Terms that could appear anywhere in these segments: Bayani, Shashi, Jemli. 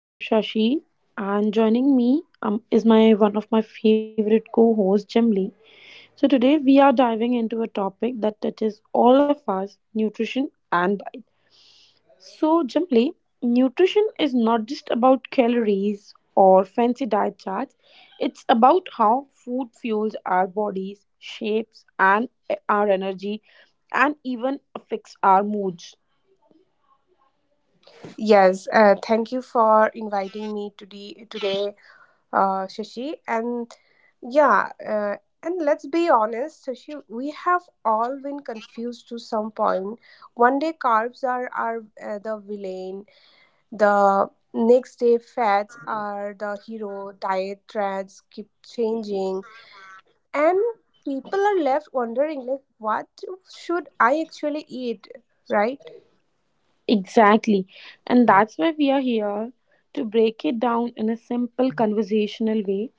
I'm Shashi, and joining me is my one of my favorite co-hosts, Jemli. So today we are diving into a topic that touches all of us: nutrition and diet. So, Jemli, nutrition is not just about calories or fancy diet charts. It's about how food fuels our bodies, shapes and our energy, and even affects our moods. Yes, Thank you for inviting me today, Shashi. Yeah, uh, and let's be honest, Shashi, we have all been confused to some point. One day carbs are the villain, the next day fats are the hero. Diet trends keep changing, and people are left wondering, like, what should I actually eat, right? Exactly. And that's why we are here to break it down in a simple conversational way.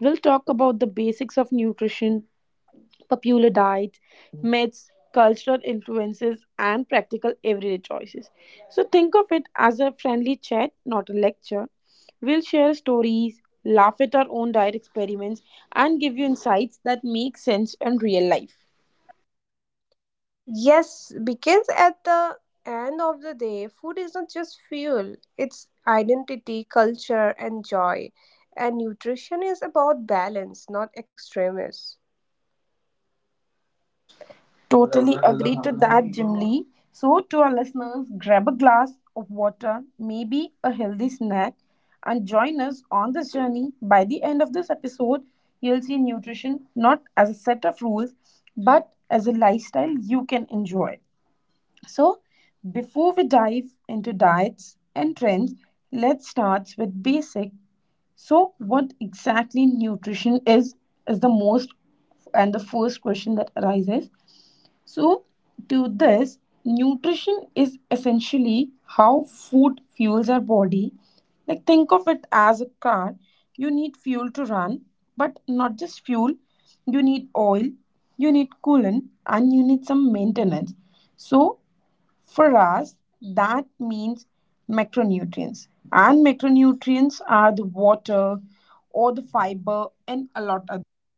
We'll talk about the basics of nutrition, popular diets, myths, cultural influences, and practical everyday choices. So think of it as a friendly chat, not a lecture. We'll share stories, laugh at our own diet experiments, and give you insights that make sense in real life. Yes, because at the end of the day, food is not just fuel, it's identity, culture, and joy. And nutrition is about balance, not extremes. Totally agree to that, Jim Lee. So, to our listeners, grab a glass of water, maybe a healthy snack, and join us on this journey. By the end of this episode, you'll see nutrition not as a set of rules, but as a lifestyle you can enjoy. So, before we dive into diets and trends, let's start with basic so, what exactly nutrition is the most and the first question that arises. So, to this, nutrition is essentially how food fuels our body. Like, think of it as a car. You need fuel to run, but not just fuel, you need oil, you need coolant, and you need some maintenance. So, for us, that means macronutrients. And macronutrients are the water or the fiber and a lot others.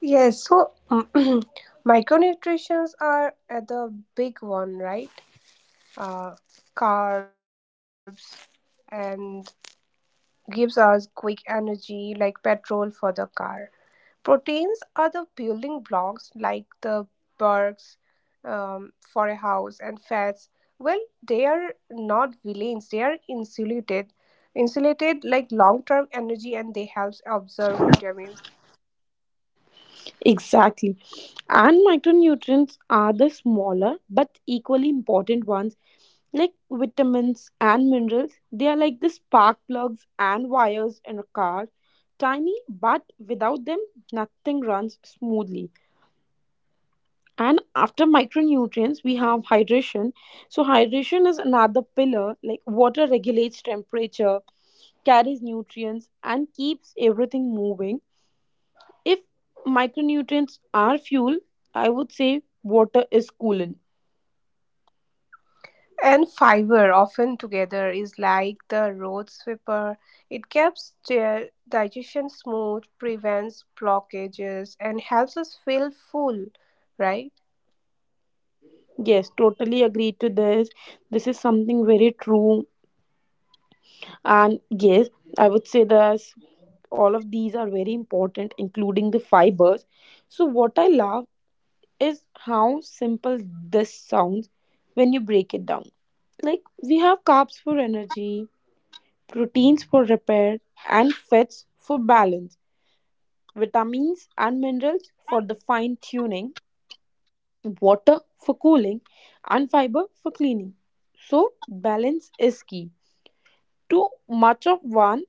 Yes, so micronutrients are the big one, right? Uh, Carbs and gives us quick energy like petrol for the car. Proteins are the building blocks, like the barks for a house, and fats. Well, they are not villains. They are insulated like long-term energy, and they helps absorb vitamins Exactly. And micronutrients are the smaller but equally important ones like vitamins and minerals. They are like the spark plugs and wires in a car. Tiny, but without them, nothing runs smoothly. And after micronutrients, we have hydration. So, hydration is another pillar. Like, water regulates temperature, carries nutrients, and keeps everything moving. If micronutrients are fuel, I would say water is coolant. and fiber. Often together is like the road sweeper. It keeps the digestion smooth, prevents blockages, and helps us feel full. Right? Yes, totally agree to this. This is something very true. And yes, I would say that all of these are very important, including the fibers. So, what I love is how simple this sounds when you break it down. Like, we have carbs for energy, proteins for repair, and fats for balance, vitamins and minerals for the fine tuning water for cooling, and fiber for cleaning. So, balance is key. Too much of one,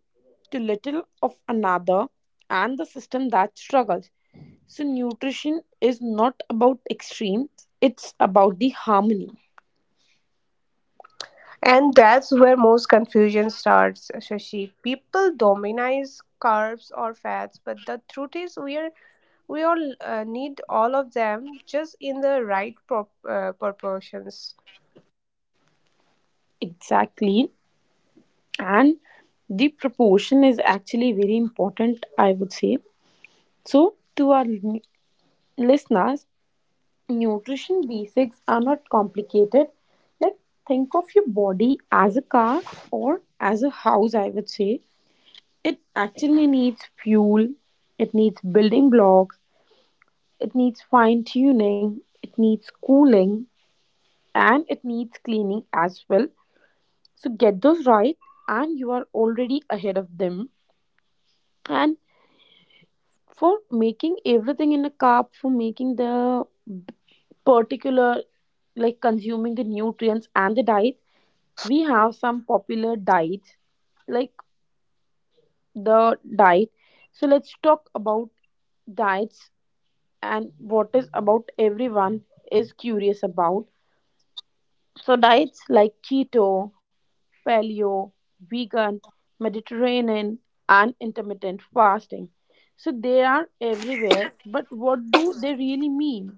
too little of another, and the system that struggles. So, nutrition is not about extremes, it's about the harmony. And that's where most confusion starts, Shashi. People dominize carbs or fats, but the truth is, we all need all of them, just in the right proportions. Exactly. And the proportion is actually very important, I would say. So, to our listeners, nutrition basics are not complicated. Like, think of your body as a car or as a house, I would say. It actually needs fuel, it needs building blocks, it needs fine tuning, it needs cooling, and it needs cleaning as well. So, get those right, and you are already ahead of them. And for making everything in a carb, for making the particular like consuming the nutrients and the diet we have some popular diets like the diet so let's talk about diets and what is about everyone is curious about. So diets like keto, paleo, vegan, Mediterranean, and intermittent fasting, so they are everywhere, but what do they really mean?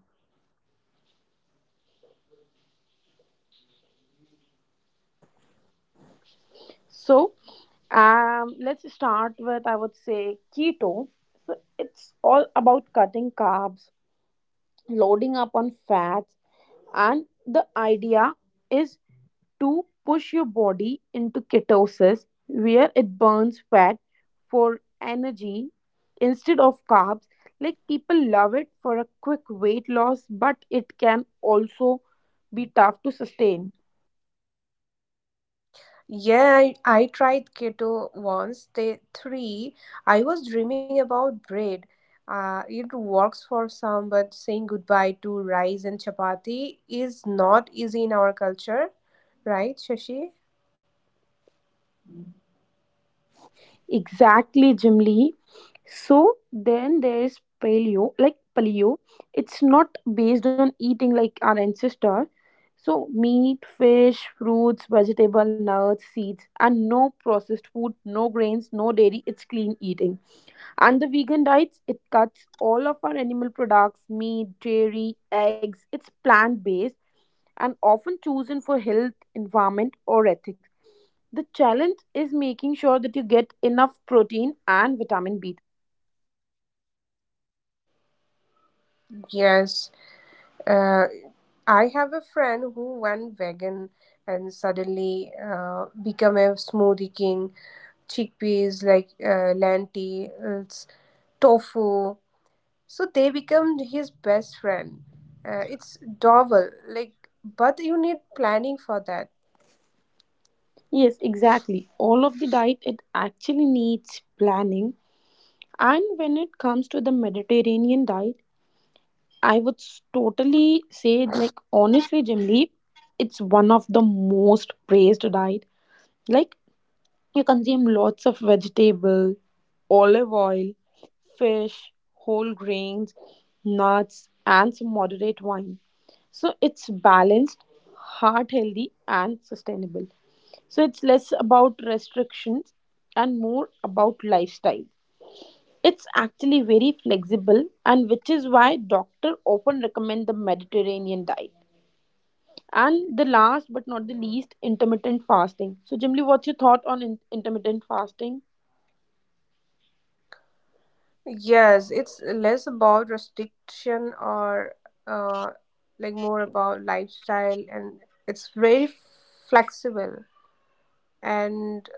So let's start with, I would say, keto. So it's all about cutting carbs, loading up on fats, and the idea is to push your body into ketosis where it burns fat for energy instead of carbs. Like, people love it for a quick weight loss, but it can also be tough to sustain. Yeah, I tried keto once, day three. I was dreaming about bread. It works for some, but saying goodbye to rice and chapati is not easy in our culture, right, Shashi? Exactly, Jim Lee. So then there's paleo, like paleo. It's not based on eating like our ancestor. So meat, fish, fruits, vegetable, nuts, seeds, and no processed food, no grains, no dairy. It's clean eating. And the vegan diets, it cuts all of our animal products, meat, dairy, eggs. It's plant based and often chosen for health, environment, or ethics. The challenge is making sure that you get enough protein and vitamin B12. Yes. uh, I have a friend who went vegan and suddenly become a smoothie king. Chickpeas, like, lentils, tofu. So they become his best friend. It's double, like, but you need planning for that. Yes, exactly. All of the diet it actually needs planning. And when it comes to the Mediterranean diet, I would s- totally say like honestly, Jim Lee, it's one of the most praised diet. Like, you consume lots of vegetable, olive oil, fish, whole grains, nuts, and some moderate wine. So it's balanced, heart healthy, and sustainable. So it's less about restrictions and more about lifestyle. It's actually very flexible, and which is why doctors often recommend the Mediterranean diet. And the last but not the least, intermittent fasting. So, Jimli, what's your thought on intermittent fasting? Yes, it's less about restriction or uh, more about lifestyle, and it's very flexible. And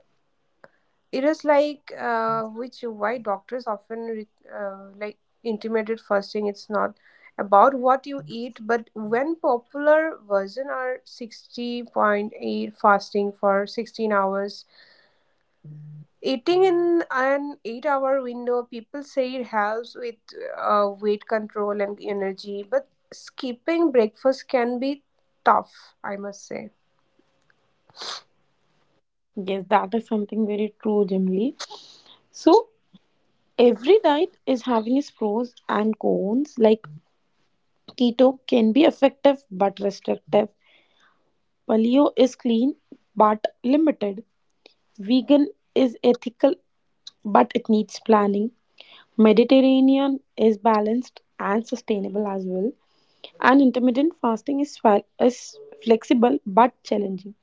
it is like which why doctors often uh, like intermittent fasting. It's not about what you eat, but when. Popular version are 60.8 fasting for 16 hours. Eating in an 8 hour window, people say it helps with weight control and energy, but skipping breakfast can be tough, I must say. Yes, that is something very true, Jimli. So, every diet is having its pros and cons. Like, keto can be effective but restrictive. Paleo is clean but limited. Vegan is ethical but it needs planning. Mediterranean is balanced and sustainable as well. And intermittent fasting is flexible but challenging.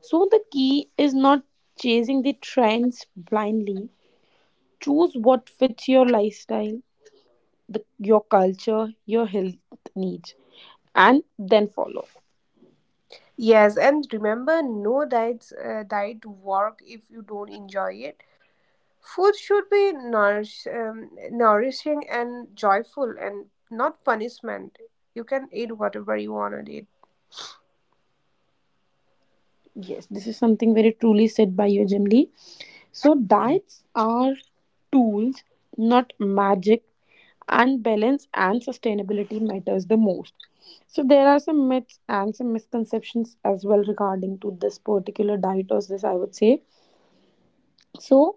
So the key is not chasing the trends blindly. Choose what fits your lifestyle, your culture, your health needs, and then follow. Yes, and remember, no diet work if you don't enjoy it. Food should be nourishing and joyful, and not punishment. You can eat whatever you want to eat. Yes, this is something very truly said by you, Jim Lee. So, diets are tools, not magic, and balance and sustainability matters the most. So, there are some myths and some misconceptions as well regarding to this particular diet, or this I would say. So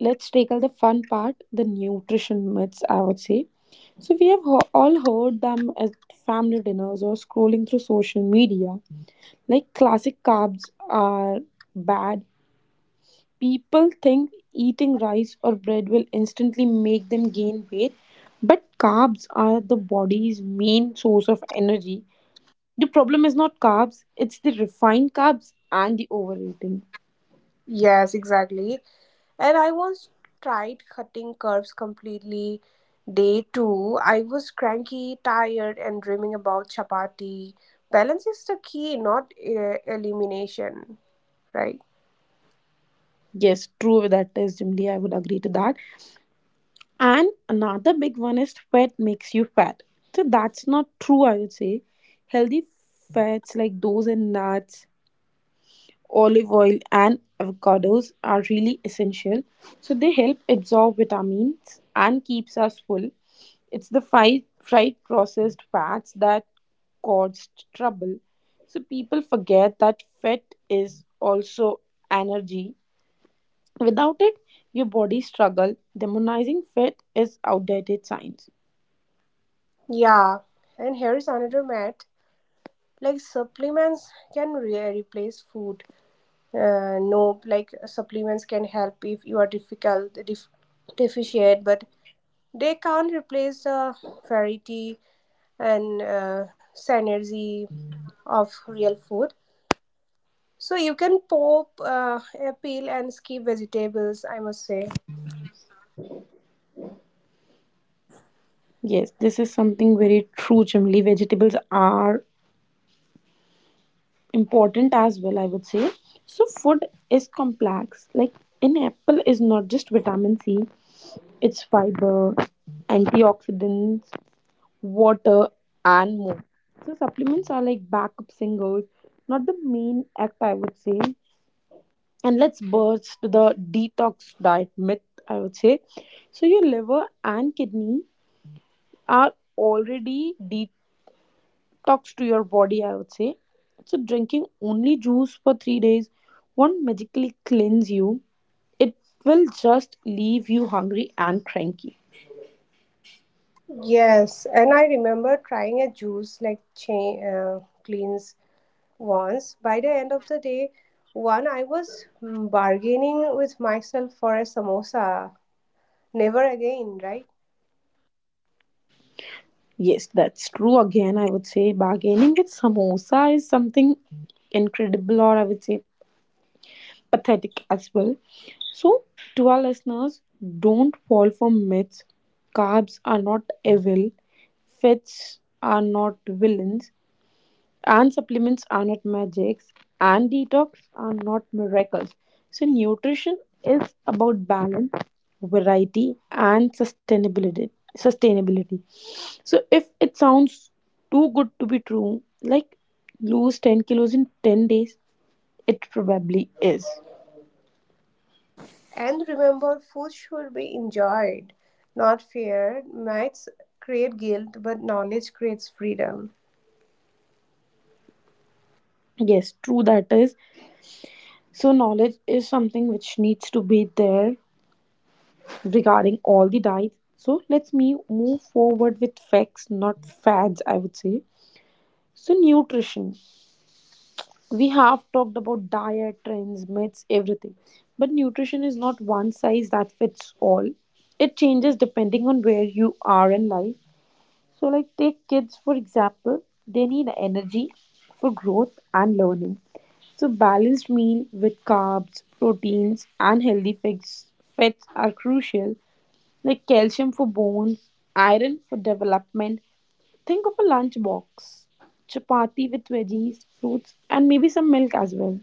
let's tackle the fun part, the nutrition myths, I would say. So we have all heard them at family dinners or scrolling through social media. Like, classic carbs are bad. People think eating rice or bread will instantly make them gain weight, but carbs are the body's main source of energy. The problem is not carbs, it's the refined carbs and the overeating. Yes, exactly. And I once tried cutting curves completely. Day two, I was cranky, tired, and dreaming about chapati. Balance is the key, not elimination, right? Yes, true that is, Jimli. I would agree to that. And another big one is fat makes you fat. So that's not true, I would say. Healthy fats like those in nuts, olive oil, and avocados are really essential. So they help absorb vitamins and keeps us full. It's the fried processed fats that caused trouble. So people forget that fat is also energy. Without it, your body struggle. Demonizing fat is outdated science. Yeah. And here is another myth. Like, supplements can replace food. No, like, supplements can help if you are deficient, but they can't replace the variety and synergy of real food. So you can pop a peel and skip vegetables, I must say. Yes, this is something very true, Chimli. Vegetables are important as well, I would say. So, food is complex. Like, an apple is not just vitamin C, it's fiber, antioxidants, water, and more. So, supplements are like backup singles, not the main act, I would say. And let's burst the detox diet myth, I would say. So, your liver and kidney are already detoxed talks to your body, I would say. So, drinking only juice for 3 days won't magically cleanse you, it will just leave you hungry and cranky. Yes, and I remember trying a juice like chain cleanse once. By the end of the day, one I was bargaining with myself for a samosa. Never again, right? Yes, that's true. Again, I would say bargaining with samosa is something incredible, or I would say pathetic as well. So, to our listeners, don't fall for myths. Carbs are not evil, fats are not villains, and supplements are not magics, and detox are not miracles. So nutrition is about balance, variety, and sustainability, sustainability. So if it sounds too good to be true, like lose 10 kilos in 10 days, it probably is. And remember, food should be enjoyed, not feared. Myths create guilt, but knowledge creates freedom. Yes, true that is. So knowledge is something which needs to be there regarding all the diets, so let's me move forward with facts, not fads, I would say. So, nutrition. We have talked about diet, trends, myths, everything. But nutrition is not one size that fits all. It changes depending on where you are in life. So, like, take kids for example, they need energy for growth and learning. So, balanced meal with carbs, proteins, and healthy fats, fats are crucial, like calcium for bones, iron for development. Think of a lunchbox chapati with veggies, fruits, and maybe some milk as well.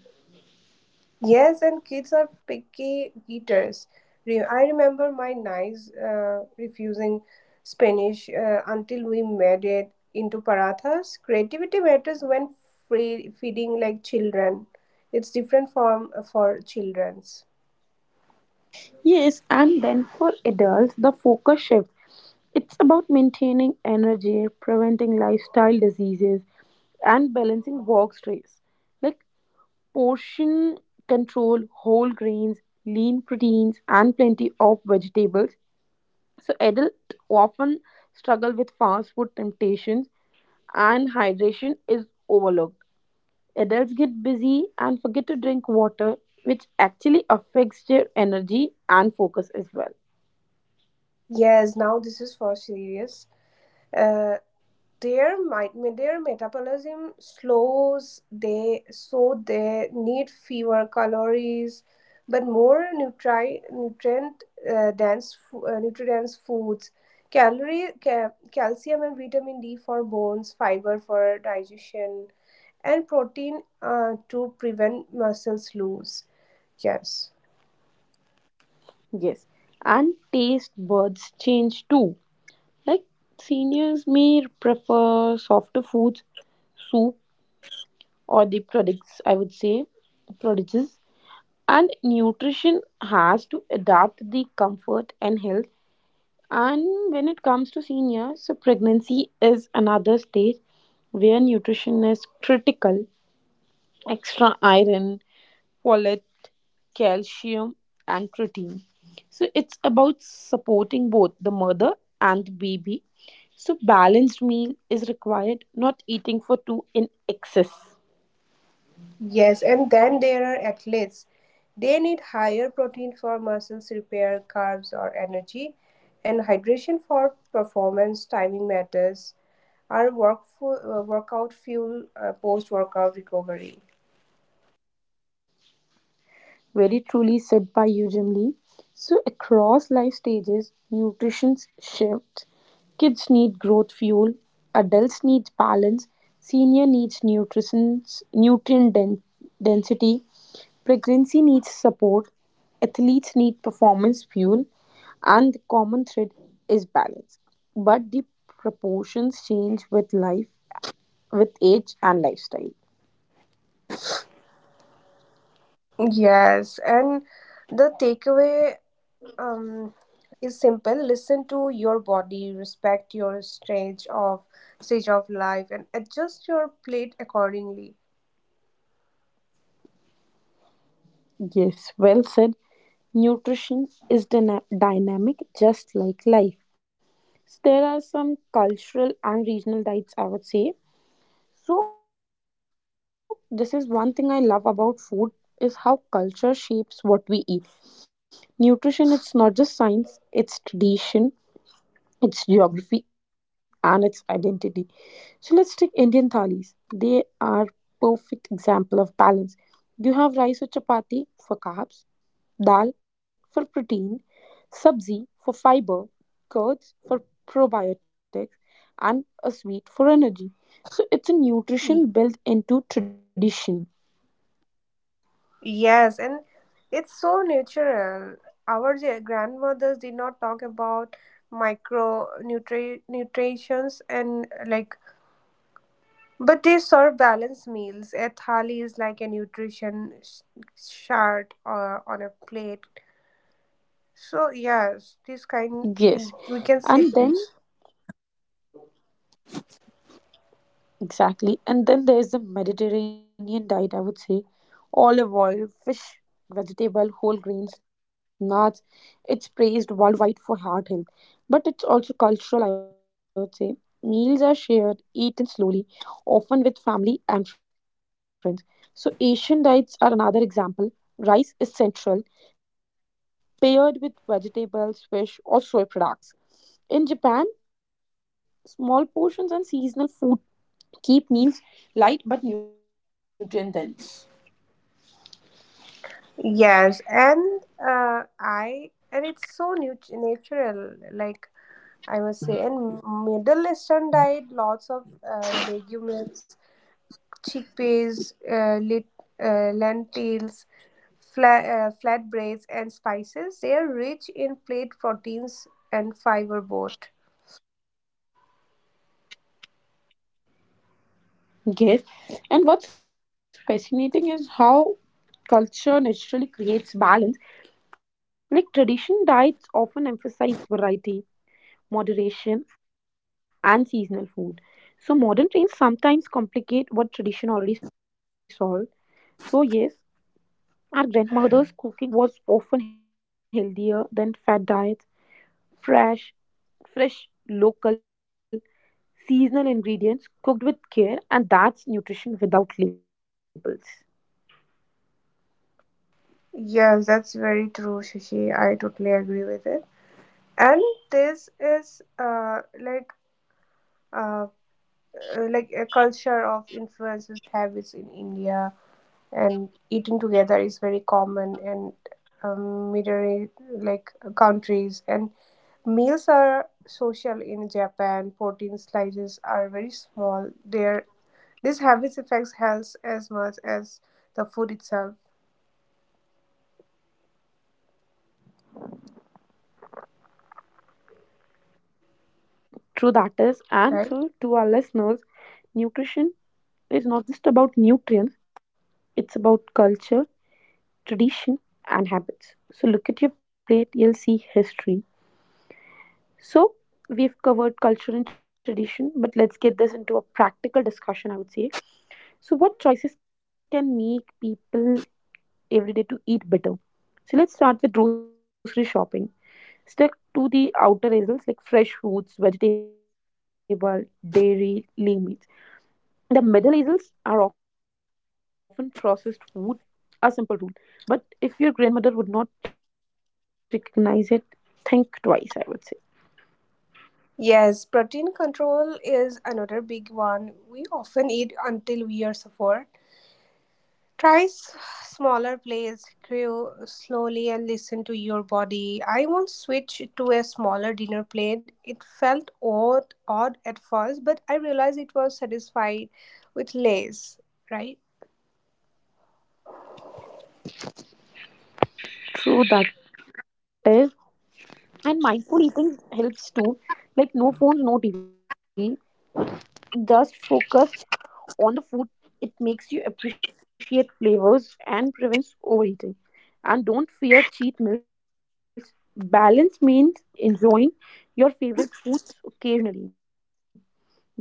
Yes, and kids are picky eaters. I remember my nice refusing Spanish until we made it into parathas. Creativity matters when free feeding like children. It's different from for children's. Yes, and then for adults, the focus shift. It's about maintaining energy, preventing lifestyle diseases, and balancing work stress. Like, portion control, whole grains, lean proteins, and plenty of vegetables. So adults often struggle with fast food temptations and hydration is overlooked. Adults get busy and forget to drink water, which actually affects their energy and focus as well. Yes, now this is for serious. Uh, their might their metabolism slows, they, so they need fewer calories but more nutrient nutrient dense foods. Calcium and vitamin d for bones, fiber for digestion, and protein to prevent muscles loss. Yes. Yes, and taste buds change too. Like, seniors may prefer softer foods, soup, or the products, I would say, prodigies. And nutrition has to adapt the comfort and health. And when it comes to seniors, so pregnancy is another stage where nutrition is critical. Extra iron, folate, calcium, and protein. So it's about supporting both the mother and the baby. So balanced meal is required, not eating for two in excess. Yes, and then there are athletes. They need higher protein for muscles repair, carbs or energy, and hydration for performance. Timing matters. Our workout fuel, post workout recovery. Very truly said by you, Jimli. So, across life stages, nutrition shifts. Kids need growth fuel, adults need balance, senior needs nutrition, nutrient density, pregnancy needs support, athletes need performance fuel, and the common thread is balance. But the proportions change with life, with age, and lifestyle. Yes, and the takeaway um, is simple. Listen to your body, respect your stage of life, and adjust your plate accordingly. Yes, well said. Nutrition is dynamic, just like life. So there are some cultural and regional diets, I would say. So this is one thing I love about food is how culture shapes what we eat. Nutrition, it's not just science, it's tradition, it's geography, and it's identity. So let's take Indian thalis. They are perfect example of balance. You have rice or chapati for carbs, dal for protein, sabzi for fiber, curds for probiotics, and a sweet for energy. So it's a nutrition built into tradition. Yes, and it's so natural. Our grandmothers did not talk about micro nutri nutritions and but they serve balanced meals. A thali is like a nutrition chart on a plate. So yes, this Yes. kind in, And we can then see this. Exactly. And then there's the Mediterranean diet, I would say, olive oil, fish, vegetable, whole grains, nuts. It's praised worldwide for heart health. But it's also cultural, I would say. Meals are shared, eaten slowly, often with family and friends. So, Asian diets are another example. Rice is central, paired with vegetables, fish, or soy products. In Japan, small portions and seasonal food keep meals light but nutrient dense. Yes, and I and it's so nut natural. Like, I must say, and Middle Eastern diet, lots of legumes, chickpeas, lentils, flatbreads, and spices. They are rich in plant proteins and fiber both. Yes, and what's fascinating is how culture naturally creates balance. Like, tradition diets often emphasize variety, moderation, and seasonal food. So modern trends sometimes complicate what tradition already solved. So yes, our grandmother's cooking was often healthier than fat diets, fresh, fresh, local, seasonal ingredients cooked with care, and that's nutrition without labels. Yes, that's very true, Shashi. I totally agree with it. And this is uh, like a culture of influences habits in India. And eating together is very common in Middle East, like, countries. And meals are social. In Japan, protein slices are very small there. This habits affects health as much as the food itself, True, that is. And so, right? to our listeners, nutrition is not just about nutrients, it's about culture, tradition, and habits. So, look at your plate, you'll see history. So, we've covered culture and tradition, but let's get this into a practical discussion, I would say. So, what choices can make people every day to eat better? So, let's start with grocery shopping. Stick to the outer aisles like fresh fruits, vegetable, dairy, lean meats. The middle aisles are often processed food, a simple rule. But if your grandmother would not recognize it, think twice, I would say. Yes, protein control is another big one. We often eat until we are suffer. Try smaller plates, grew slowly, and listen to your body. I once switched to a smaller dinner plate. It felt odd at first, but I realized it was satisfied with less, right? True that is. And mindful eating helps too. Like, no phones, no TV. Just focus on the food, it makes you appreciate flavors and prevents overeating. And don't fear cheat meals. Balance means enjoying your favorite foods occasionally.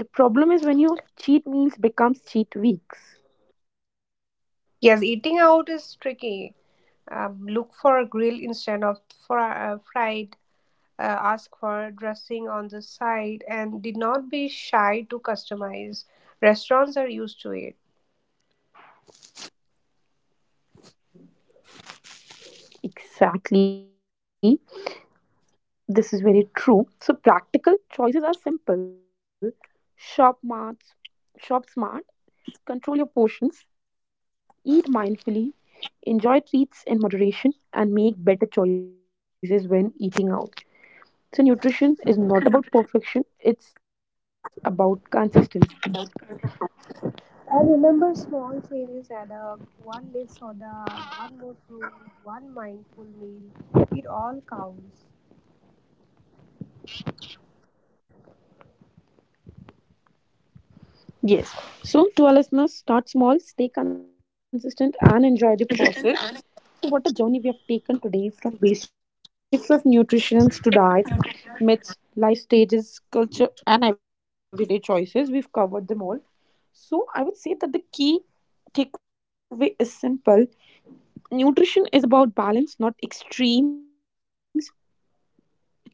The problem is when your cheat meals becomes cheat weeks. Yes, eating out is tricky. Look for a grill instead of fried. Ask for dressing on the side, and did not be shy to customize. Restaurants are used to it. Exactly. This is very true. So practical choices are simple. Shop smart, shop smart. Control your portions, eat mindfully, enjoy treats in moderation, and make better choices when eating out. So, nutrition is not about perfection, it's about consistency. I remember small changes add up. One less soda, one more fruit, one mindful meal. It all counts. Yes. So, to our listeners, start small, stay consistent, and enjoy the process. So, what a journey we have taken today from basics of nutrition to diets, myths, life stages, culture, and everyday choices. We've covered them all. So, I would say that the key takeaway is simple, nutrition is about balance, not extremes.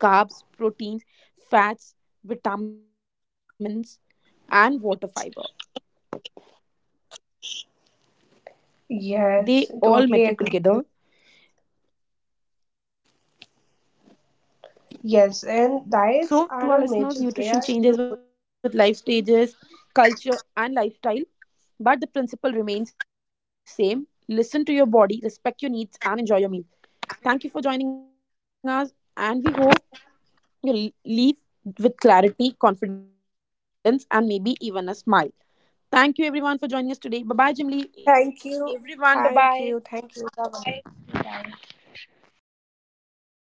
Carbs, proteins, fats, vitamins, and water fiber. They Yes, all totally matter agree. together. Yes, and diets So, are to not our magic. listeners, They are. nutrition changes with life stages, culture, and lifestyle, but the principle remains same. Listen to your body, respect your needs, and enjoy your meal. Thank you for joining us, and we hope you leave with clarity, confidence, and maybe even a smile. Thank you everyone for joining us today. Bye bye, Jimly. Thank you. Everyone, bye Thank bye. you. Thank you. Bye bye. Bye.